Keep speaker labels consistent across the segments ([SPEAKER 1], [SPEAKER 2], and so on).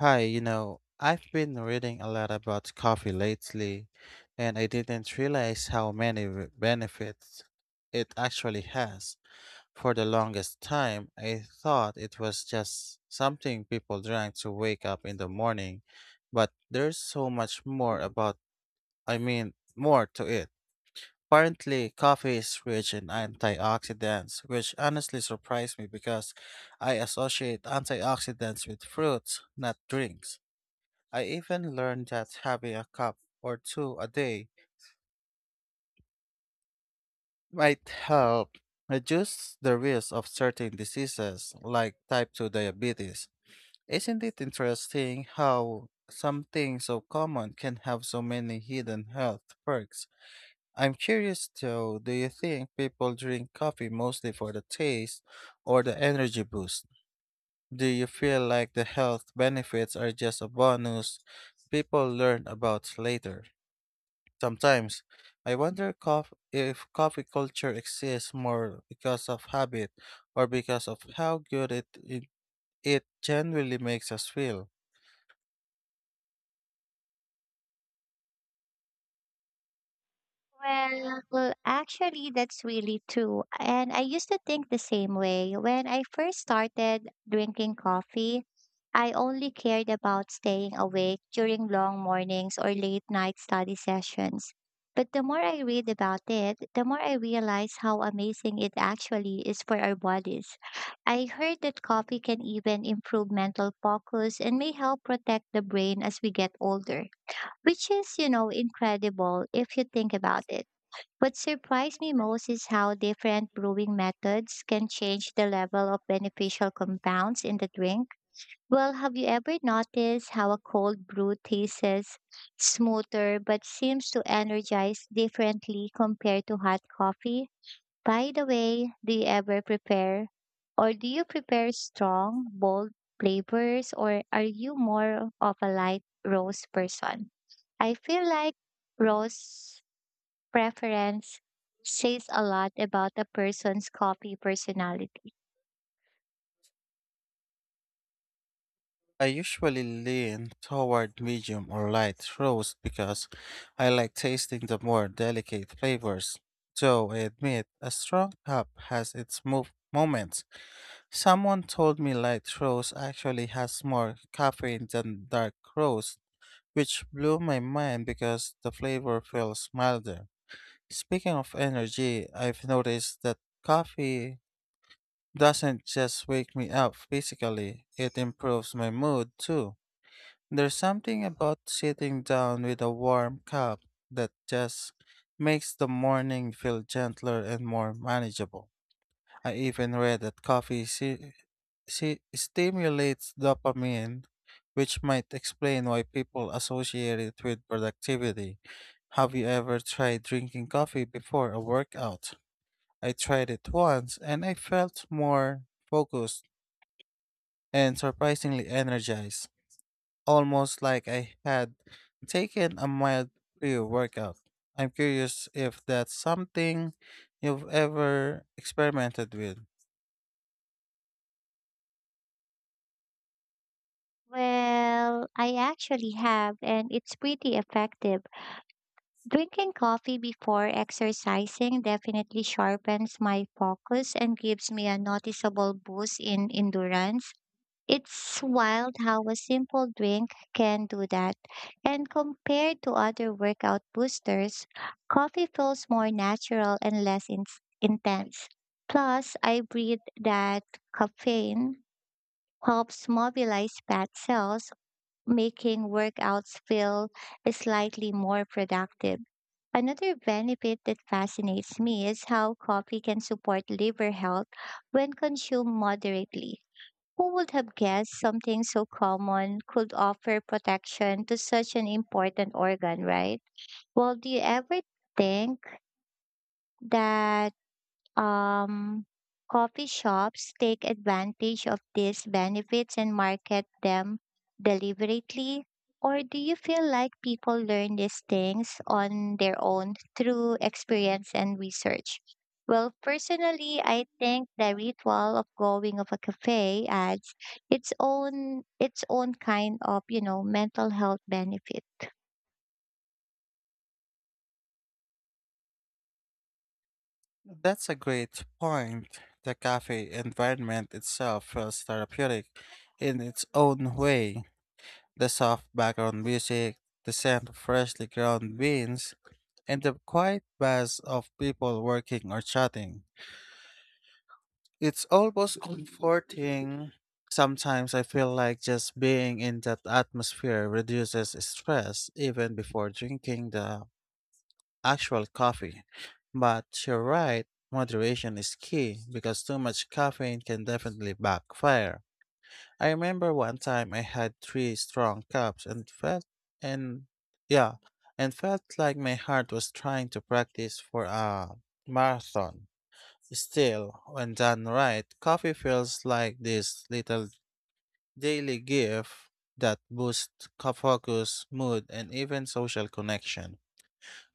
[SPEAKER 1] Hi, I've been reading a lot about coffee lately, and I didn't realize how many benefits it actually has. For the longest time, I thought it was just something people drank to wake up in the morning, but there's so much more more to it. Apparently, coffee is rich in antioxidants, which honestly surprised me because I associate antioxidants with fruits, not drinks. I even learned that having a cup or two a day might help reduce the risk of certain diseases like type 2 diabetes. Isn't it interesting how something so common can have so many hidden health perks? I'm curious though, do you think people drink coffee mostly for the taste or the energy boost? Do you feel like the health benefits are just a bonus people learn about later? Sometimes I wonder if coffee culture exists more because of habit or because of how good it generally makes us feel.
[SPEAKER 2] Actually, that's really true. And I used to think the same way. When I first started drinking coffee, I only cared about staying awake during long mornings or late night study sessions. But the more I read about it, the more I realize how amazing it actually is for our bodies. I heard that coffee can even improve mental focus and may help protect the brain as we get older, which is, you know, incredible if you think about it. What surprised me most is how different brewing methods can change the level of beneficial compounds in the drink. Have you ever noticed how a cold brew tastes smoother but seems to energize differently compared to hot coffee? By the way, do you prepare strong, bold flavors, or are you more of a light roast person? I feel like roast preference says a lot about a person's coffee personality.
[SPEAKER 1] I usually lean toward medium or light roast because I like tasting the more delicate flavors. Though I admit, a strong cup has its moments. Someone told me light roast actually has more caffeine than dark roast, which blew my mind because the flavor feels milder. Speaking of energy, I've noticed that coffee doesn't just wake me up physically, it improves my mood too. There's something about sitting down with a warm cup that just makes the morning feel gentler and more manageable. I even read that coffee stimulates dopamine, which might explain why people associate it with productivity. Have you ever tried drinking coffee before a workout? I tried it once and I felt more focused and surprisingly energized, almost like I had taken a mild pre workout. I'm curious if that's something you've ever experimented with.
[SPEAKER 2] I actually have, and it's pretty effective. Drinking coffee before exercising definitely sharpens my focus and gives me a noticeable boost in endurance. It's wild how a simple drink can do that. And compared to other workout boosters, coffee feels more natural and less intense. Plus, I read that caffeine helps mobilize fat cells, making workouts feel slightly more productive. Another benefit that fascinates me is how coffee can support liver health when consumed moderately. Who would have guessed something so common could offer protection to such an important organ, right? Well, do you ever think that? Um, Coffee shops take advantage of these benefits and market them deliberately? Or do you feel like people learn these things on their own through experience and research? Well, personally, I think the ritual of going of a cafe adds its own kind of, you know, mental health benefit.
[SPEAKER 1] That's a great point. The cafe environment itself feels therapeutic in its own way. The soft background music, the scent of freshly ground beans, and the quiet buzz of people working or chatting. It's almost comforting. Sometimes I feel like just being in that atmosphere reduces stress even before drinking the actual coffee. But you're right, moderation is key because too much caffeine can definitely backfire. I remember one time I had three strong cups and and yeah, felt like my heart was trying to practice for a marathon. Still, when done right, coffee feels like this little daily gift that boosts focus, mood, and even social connection.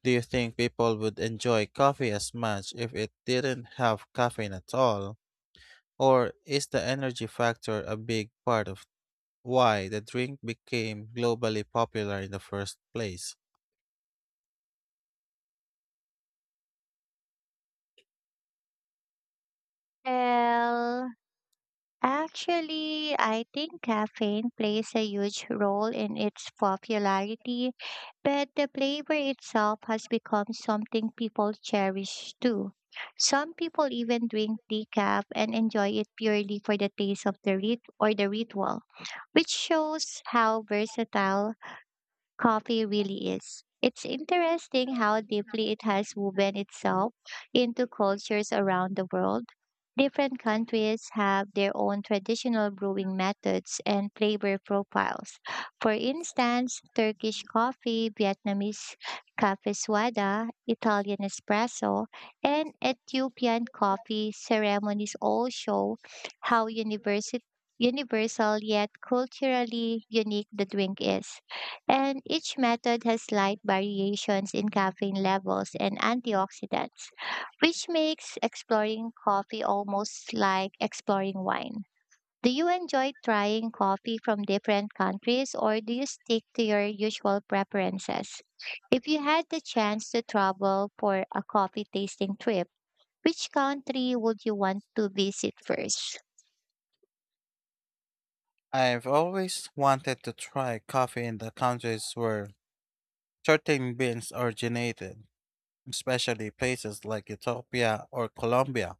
[SPEAKER 1] Do you think people would enjoy coffee as much if it didn't have caffeine at all? Or is the energy factor a big part of why the drink became globally popular in the first place?
[SPEAKER 2] Well, Actually, I think caffeine plays a huge role in its popularity, but the flavor itself has become something people cherish too. Some people even drink decaf and enjoy it purely for the taste of the ritual, which shows how versatile coffee really is. It's interesting how deeply it has woven itself into cultures around the world. Different countries have their own traditional brewing methods and flavor profiles. For instance, Turkish coffee, Vietnamese cafe suada, Italian espresso, and Ethiopian coffee ceremonies all show how university universal yet culturally unique the drink is. And each method has slight variations in caffeine levels and antioxidants, which makes exploring coffee almost like exploring wine. Do you enjoy trying coffee from different countries, or do you stick to your usual preferences? If you had the chance to travel for a coffee tasting trip, which country would you want to visit first?
[SPEAKER 1] I've always wanted to try coffee in the countries where certain beans originated, especially places like Ethiopia or Colombia.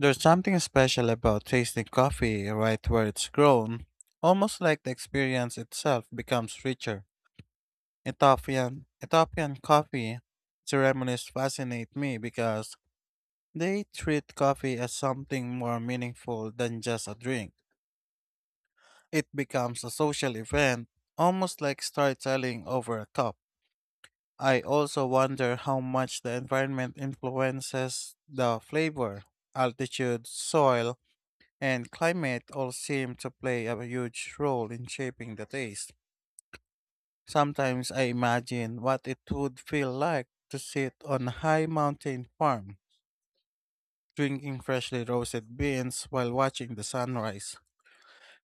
[SPEAKER 1] There's something special about tasting coffee right where it's grown, almost like the experience itself becomes richer. Ethiopian coffee ceremonies fascinate me because they treat coffee as something more meaningful than just a drink. It becomes a social event, almost like storytelling over a cup. I also wonder how much the environment influences the flavor. Altitude, soil, and climate all seem to play a huge role in shaping the taste. Sometimes I imagine what it would feel like to sit on a high mountain farm, drinking freshly roasted beans while watching the sunrise.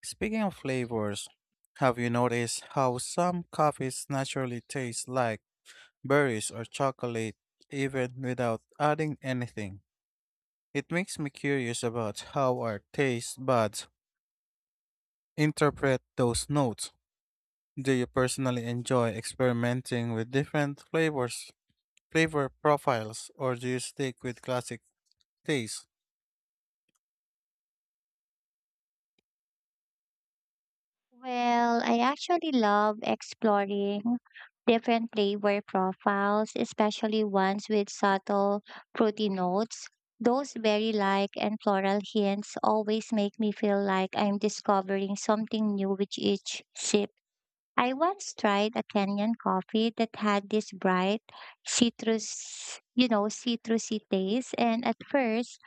[SPEAKER 1] Speaking of flavors, have you noticed how some coffees naturally taste like berries or chocolate even without adding anything? It makes me curious about how our taste buds interpret those notes. Do you personally enjoy experimenting with different flavor profiles, or do you stick with classic taste?
[SPEAKER 2] I actually love exploring different flavor profiles, especially ones with subtle fruity notes. Those berry like and floral hints always make me feel like I'm discovering something new with each sip. I once tried a Kenyan coffee that had this you know, citrusy taste, and at first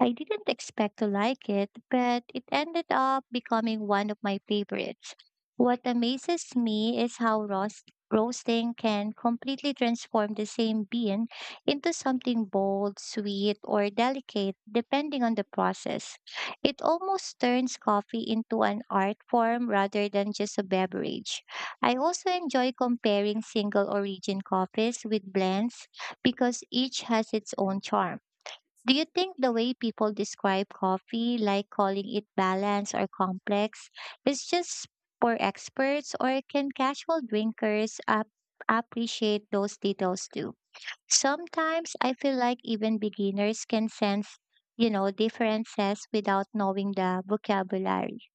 [SPEAKER 2] I didn't expect to like it, but it ended up becoming one of my favorites. What amazes me is how roasting can completely transform the same bean into something bold, sweet, or delicate, depending on the process. It almost turns coffee into an art form rather than just a beverage. I also enjoy comparing single origin coffees with blends because each has its own charm. Do you think the way people describe coffee, like calling it balanced or complex, is just for experts, or can casual drinkers appreciate those details too? Sometimes I feel like even beginners can sense, you know, differences without knowing the vocabulary.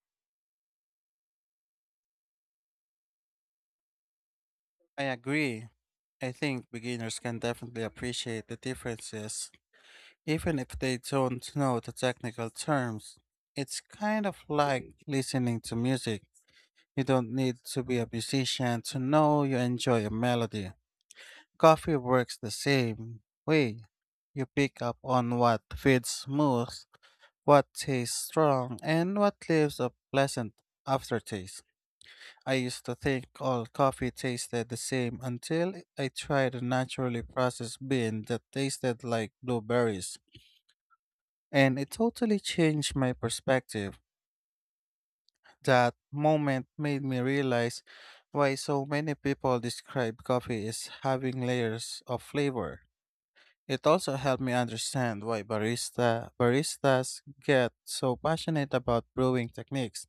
[SPEAKER 1] I agree. I think beginners can definitely appreciate the differences, even if they don't know the technical terms. It's kind of like listening to music. You don't need to be a musician to know you enjoy a melody. Coffee works the same way. You pick up on what feels smooth, what tastes strong, and what leaves a pleasant aftertaste. I used to think all coffee tasted the same until I tried a naturally processed bean that tasted like blueberries. And it totally changed my perspective. That moment made me realize why so many people describe coffee as having layers of flavor. It also helped me understand why baristas get so passionate about brewing techniques.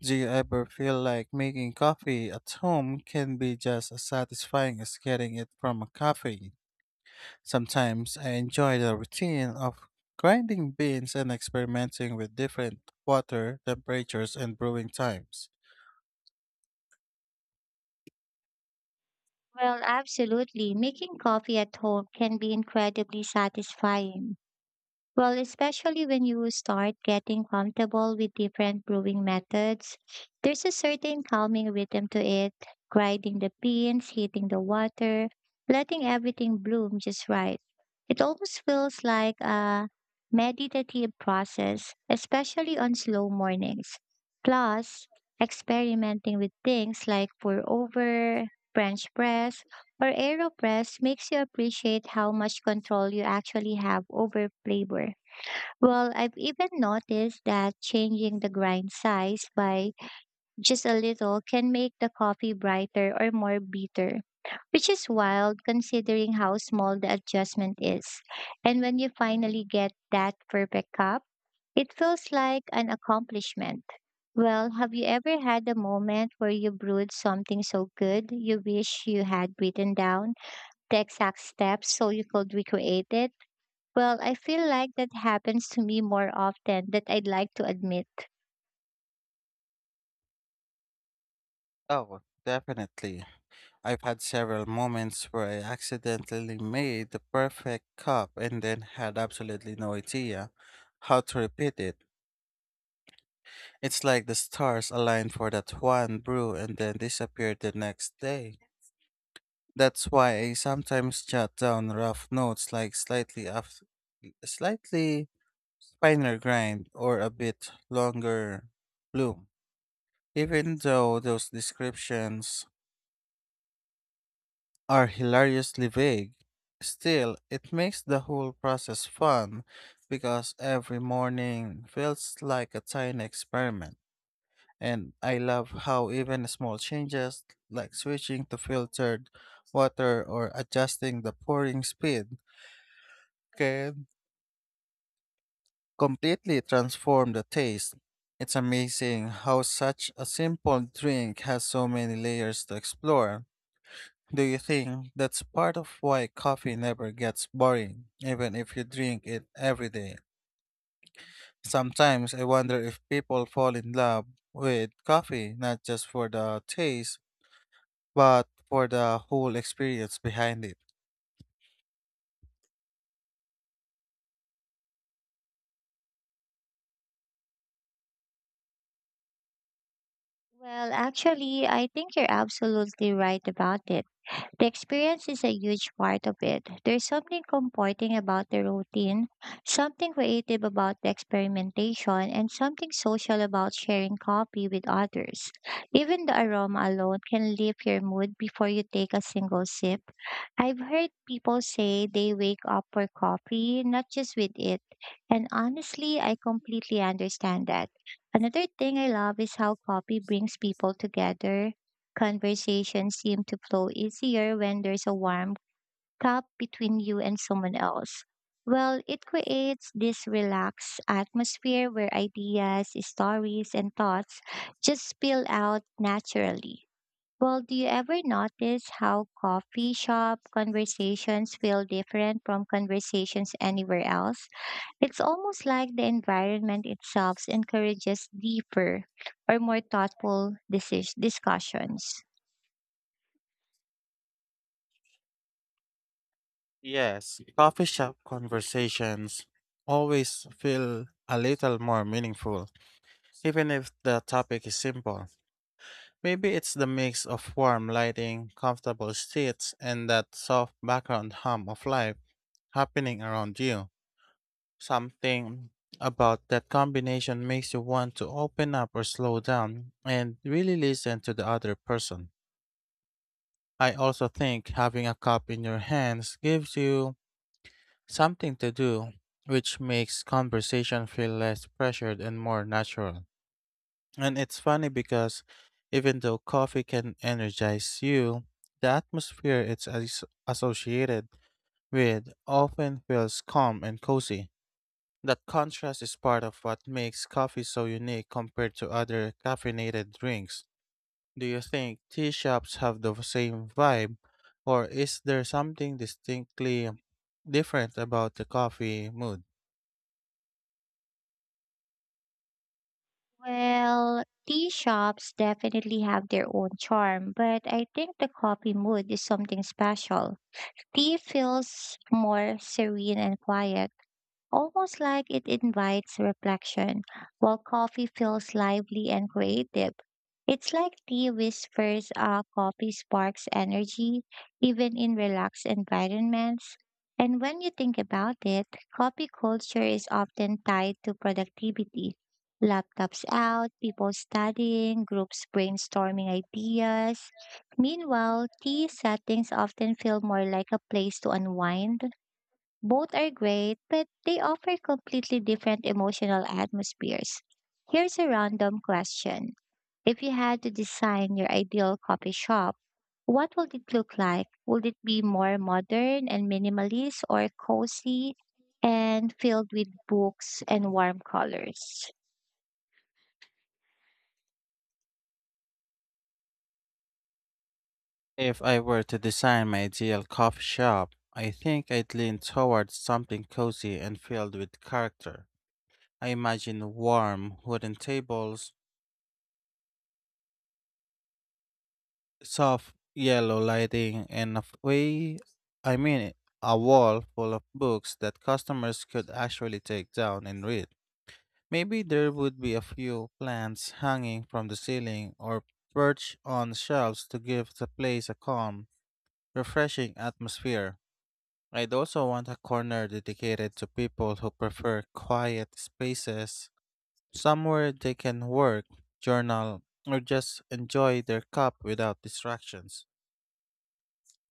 [SPEAKER 1] Do you ever feel like making coffee at home can be just as satisfying as getting it from a cafe? Sometimes I enjoy the routine of grinding beans and experimenting with different water temperatures and brewing times.
[SPEAKER 2] Well, absolutely. Making coffee at home can be incredibly satisfying. Well, especially when you start getting comfortable with different brewing methods, there's a certain calming rhythm to it: grinding the beans, heating the water, letting everything bloom just right. It almost feels like a meditative process, especially on slow mornings. Plus, experimenting with things like pour over, French press, or AeroPress makes you appreciate how much control you actually have over flavor. I've even noticed that changing the grind size by just a little can make the coffee brighter or more bitter, which is wild considering how small the adjustment is. And when you finally get that perfect cup, it feels like an accomplishment. Have you ever had a moment where you brewed something so good you wish you had written down the exact steps so you could recreate it? Well, I feel like that happens to me more often than I'd like to admit.
[SPEAKER 1] Oh, definitely. I've had several moments where I accidentally made the perfect cup and then had absolutely no idea how to repeat it. It's like the stars aligned for that one brew and then disappeared the next day. That's why I sometimes jot down rough notes like slightly finer grind or a bit longer bloom. Even though those descriptions are hilariously vague. Still, it makes the whole process fun because every morning feels like a tiny experiment. And I love how even small changes, like switching to filtered water or adjusting the pouring speed, can completely transform the taste. It's amazing how such a simple drink has so many layers to explore. Do you think that's part of why coffee never gets boring, even if you drink it every day? Sometimes I wonder if people fall in love with coffee not just for the taste, but for the whole experience behind it.
[SPEAKER 2] Actually, I think you're absolutely right about it. The experience is a huge part of it. There's something comforting about the routine, something creative about the experimentation, and something social about sharing coffee with others. Even the aroma alone can lift your mood before you take a single sip. I've heard people say they wake up for coffee, not just with it. And honestly, I completely understand that. Another thing I love is how coffee brings people together. Conversations seem to flow easier when there's a warm cup between you and someone else. It creates this relaxed atmosphere where ideas, stories, and thoughts just spill out naturally. Do you ever notice how coffee shop conversations feel different from conversations anywhere else? It's almost like the environment itself encourages deeper or more thoughtful discussions.
[SPEAKER 1] Yes, coffee shop conversations always feel a little more meaningful, even if the topic is simple. Maybe it's the mix of warm lighting, comfortable seats, and that soft background hum of life happening around you. Something about that combination makes you want to open up or slow down and really listen to the other person. I also think having a cup in your hands gives you something to do, which makes conversation feel less pressured and more natural. And it's funny because even though coffee can energize you, the atmosphere it's associated with often feels calm and cozy. That contrast is part of what makes coffee so unique compared to other caffeinated drinks. Do you think tea shops have the same vibe, or is there something distinctly different about the coffee mood?
[SPEAKER 2] Well, tea shops definitely have their own charm, but I think the coffee mood is something special. Tea feels more serene and quiet, almost like it invites reflection, while coffee feels lively and creative. It's like tea whispers, coffee sparks energy, even in relaxed environments. And when you think about it, coffee culture is often tied to productivity. Laptops out, people studying, groups brainstorming ideas. Meanwhile, tea settings often feel more like a place to unwind. Both are great, but they offer completely different emotional atmospheres. Here's a random question. If you had to design your ideal coffee shop, what would it look like? Would it be more modern and minimalist, or cozy and filled with books and warm colors?
[SPEAKER 1] If I were to design my ideal coffee shop, I think I'd lean towards something cozy and filled with character. I imagine warm wooden tables, soft yellow lighting, and a way, I mean, a wall full of books that customers could actually take down and read. Maybe there would be a few plants hanging from the ceiling or perched on shelves to give the place a calm, refreshing atmosphere. I'd also want a corner dedicated to people who prefer quiet spaces, somewhere they can work, journal, or just enjoy their cup without distractions.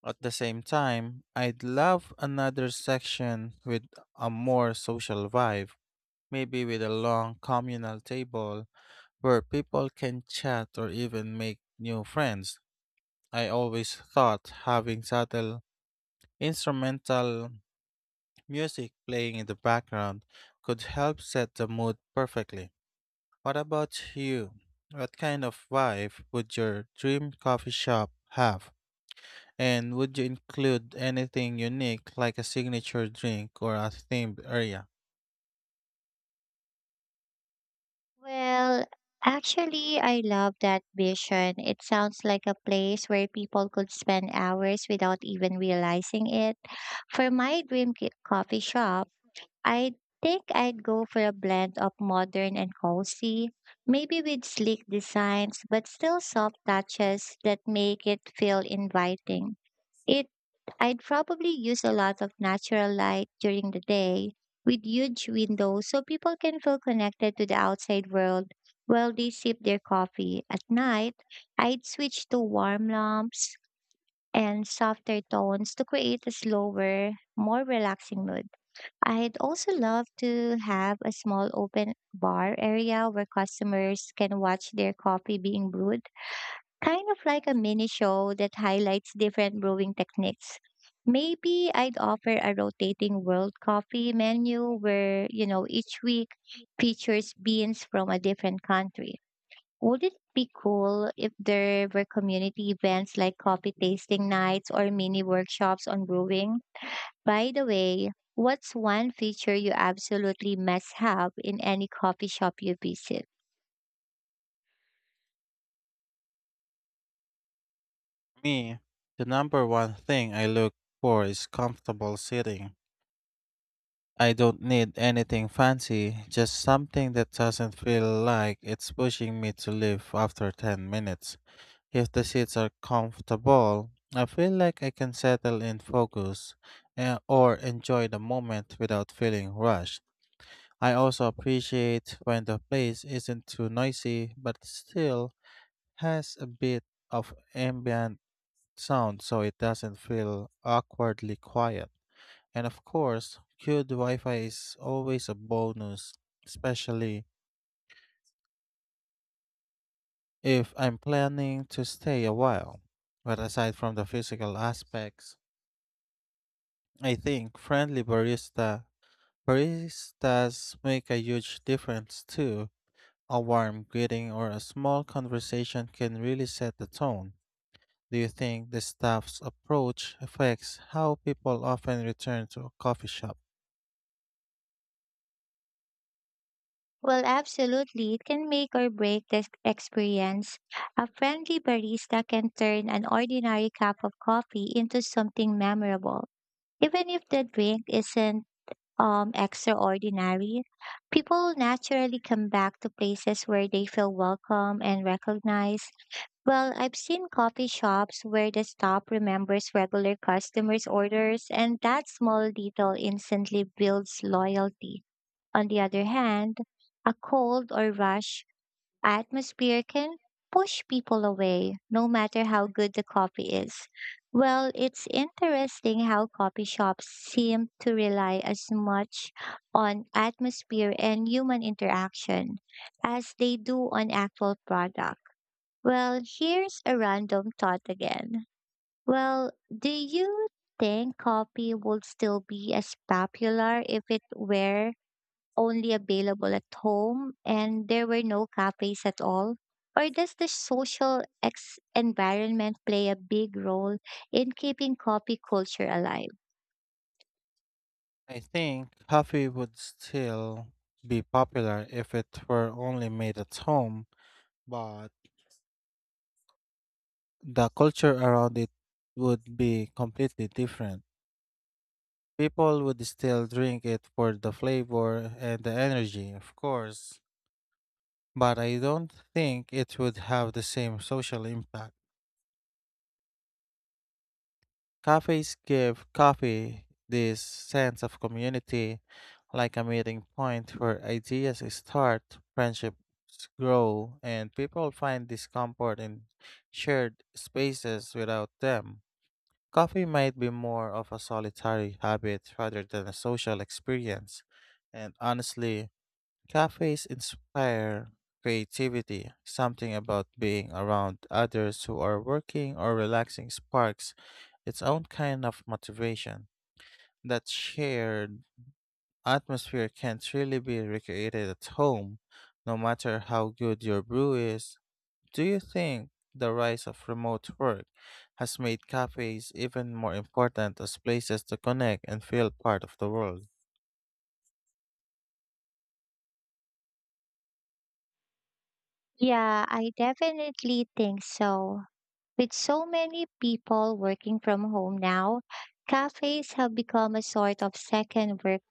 [SPEAKER 1] At the same time, I'd love another section with a more social vibe, maybe with a long communal table where people can chat or even make new friends. I always thought having subtle instrumental music playing in the background could help set the mood perfectly. What about you? What kind of vibe would your dream coffee shop have? And would you include anything unique like a signature drink or a themed area?
[SPEAKER 2] Well, Actually, I love that vision. It sounds like a place where people could spend hours without even realizing it. For my dream coffee shop, I think I'd go for a blend of modern and cozy, maybe with sleek designs, but still soft touches that make it feel inviting. It I'd probably use a lot of natural light during the day with huge windows so people can feel connected to the outside world while they sip their coffee. At night, I'd switch to warm lamps and softer tones to create a slower, more relaxing mood. I'd also love to have a small open bar area where customers can watch their coffee being brewed, kind of like a mini show that highlights different brewing techniques. Maybe I'd offer a rotating world coffee menu where, you know, each week features beans from a different country. Would it be cool if there were community events like coffee tasting nights or mini workshops on brewing? By the way, what's one feature you absolutely must have in any coffee shop you visit?
[SPEAKER 1] Me, the number one thing I look for is comfortable sitting. I don't need anything fancy, just something that doesn't feel like it's pushing me to leave after 10 minutes. If the seats are comfortable, I feel like I can settle in focus, or enjoy the moment without feeling rushed. I also appreciate when the place isn't too noisy but still has a bit of ambient sound so it doesn't feel awkwardly quiet. And of course, good Wi Fi is always a bonus, especially if I'm planning to stay a while. But aside from the physical aspects, I think friendly baristas make a huge difference too. A warm greeting or a small conversation can really set the tone. Do you think the staff's approach affects how people often return to a coffee shop?
[SPEAKER 2] Well, absolutely. It can make or break the experience. A friendly barista can turn an ordinary cup of coffee into something memorable. Even if the drink isn't, extraordinary, people will naturally come back to places where they feel welcome and recognized. I've seen coffee shops where the staff remembers regular customers' orders, and that small detail instantly builds loyalty. On the other hand, a cold or rush atmosphere can push people away, no matter how good the coffee is. It's interesting how coffee shops seem to rely as much on atmosphere and human interaction as they do on actual product. Here's a random thought again. Do you think coffee would still be as popular if it were only available at home and there were no cafes at all? Or does the social environment play a big role in keeping coffee culture alive?
[SPEAKER 1] I think coffee would still be popular if it were only made at home, but the culture around it would be completely different. People would still drink it for the flavor and the energy, of course, but I don't think it would have the same social impact. Cafes give coffee this sense of community, like a meeting point where ideas start, friendships grow, and people find discomfort in shared spaces without them. Coffee might be more of a solitary habit rather than a social experience. And honestly, cafes inspire creativity, something about being around others who are working or relaxing sparks its own kind of motivation. That shared atmosphere can't really be recreated at home, no matter how good your brew is. Do you think the rise of remote work has made cafes even more important as places to connect and feel part of the world?
[SPEAKER 2] Yeah, I definitely think so. With so many people working from home now, cafes have become a sort of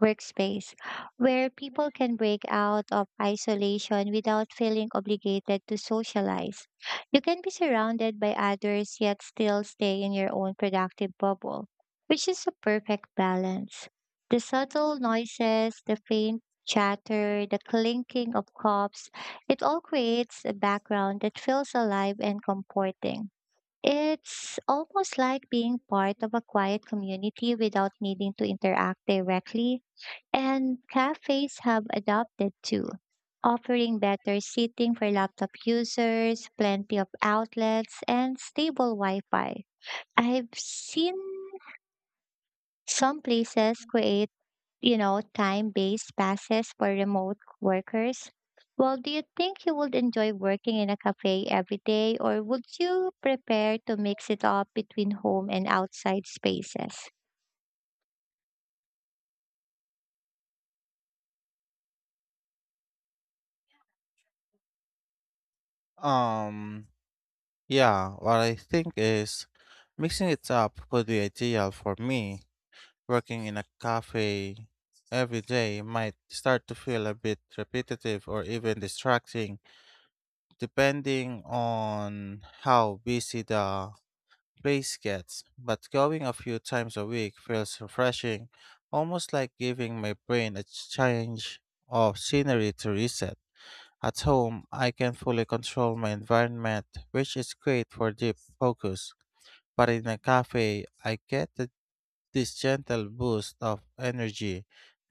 [SPEAKER 2] workspace where people can break out of isolation without feeling obligated to socialize. You can be surrounded by others yet still stay in your own productive bubble, which is a perfect balance. The subtle noises, the faint chatter, the clinking of cups, it all creates a background that feels alive and comforting. It's almost like being part of a quiet community without needing to interact directly, and cafes have adopted too, offering better seating for laptop users, plenty of outlets, and stable Wi Fi. I've seen some places create, you know, time-based passes for remote workers. Do you think you would enjoy working in a cafe every day, or would you prepare to mix it up between home and outside spaces?
[SPEAKER 1] Um, Yeah, what I think is mixing it up would be ideal for me. Working in a cafe every day might start to feel a bit repetitive or even distracting, depending on how busy the place gets. But going a few times a week feels refreshing, almost like giving my brain a change of scenery to reset. At home, I can fully control my environment, which is great for deep focus. But in a cafe, I get this gentle boost of energy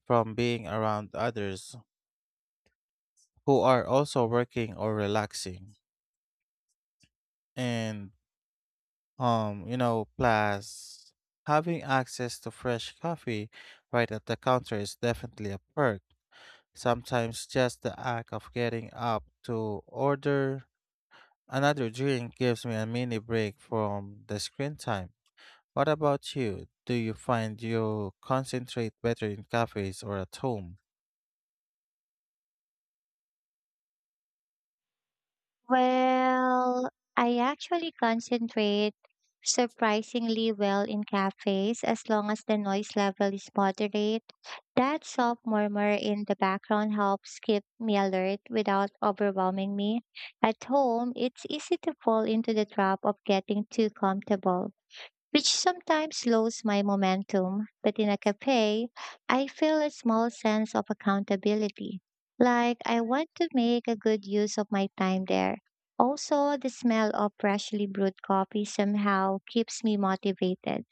[SPEAKER 1] from being around others who are also working or relaxing. And plus having access to fresh coffee right at the counter is definitely a perk. Sometimes just the act of getting up to order another drink gives me a mini break from the screen time. What about you? Do you find you concentrate better in cafes or at home?
[SPEAKER 2] Well, I actually concentrate surprisingly well in cafes as long as the noise level is moderate. That soft murmur in the background helps keep me alert without overwhelming me. At home, it's easy to fall into the trap of getting too comfortable, which sometimes slows my momentum. But in a cafe, I feel a small sense of accountability, like I want to make a good use of my time there. Also, the smell of freshly brewed coffee somehow keeps me motivated.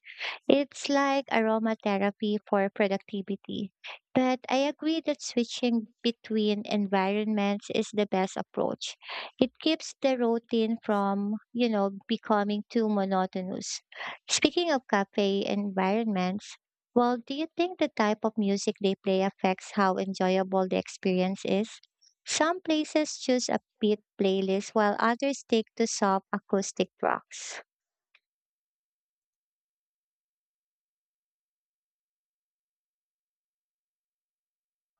[SPEAKER 2] It's like aromatherapy for productivity. But I agree that switching between environments is the best approach. It keeps the routine from, you know, becoming too monotonous. Speaking of cafe environments, do you think the type of music they play affects how enjoyable the experience is? Some places choose a beat playlist while others stick to soft acoustic tracks.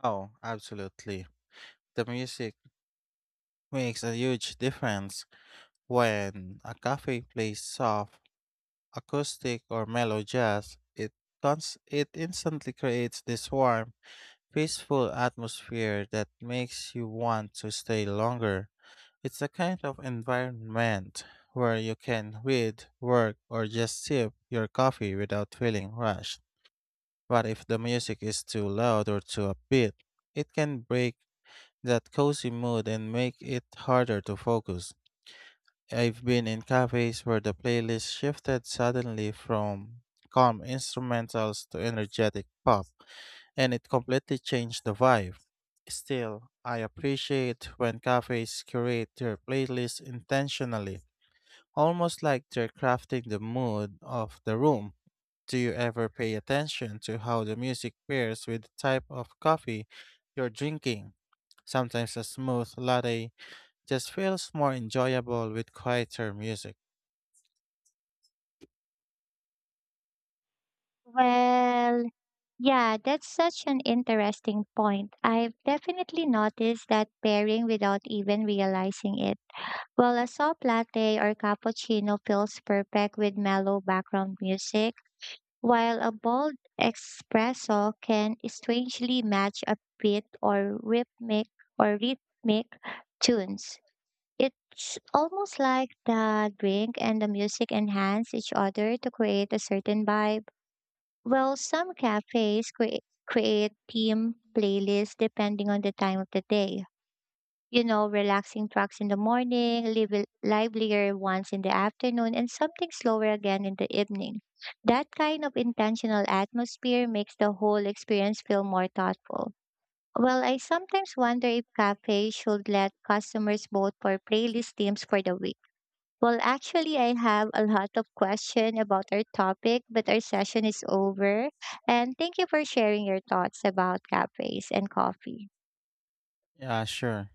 [SPEAKER 1] Oh, absolutely. The music makes a huge difference. When a cafe plays soft, acoustic, or mellow jazz, it instantly creates this warm, peaceful atmosphere that makes you want to stay longer. It's a kind of environment where you can read, work, or just sip your coffee without feeling rushed. But if the music is too loud or too upbeat, it can break that cozy mood and make it harder to focus. I've been in cafes where the playlist shifted suddenly from calm instrumentals to energetic pop, and it completely changed the vibe. Still, I appreciate when cafes curate their playlists intentionally, almost like they're crafting the mood of the room. Do you ever pay attention to how the music pairs with the type of coffee you're drinking? Sometimes a smooth latte just feels more enjoyable with quieter music.
[SPEAKER 2] Well, Yeah, that's such an interesting point. I've definitely noticed that pairing without even realizing it. While a soft latte or cappuccino feels perfect with mellow background music, while a bold espresso can strangely match a beat or rhythmic tunes. It's almost like the drink and the music enhance each other to create a certain vibe. Well, some cafes create theme playlists depending on the time of the day. You know, relaxing tracks in the morning, livelier ones in the afternoon, and something slower again in the evening. That kind of intentional atmosphere makes the whole experience feel more thoughtful. Well, I sometimes wonder if cafes should let customers vote for playlist themes for the week. Actually, I have a lot of questions about our topic, but our session is over. And thank you for sharing your thoughts about cafes and coffee.
[SPEAKER 1] Yeah, sure.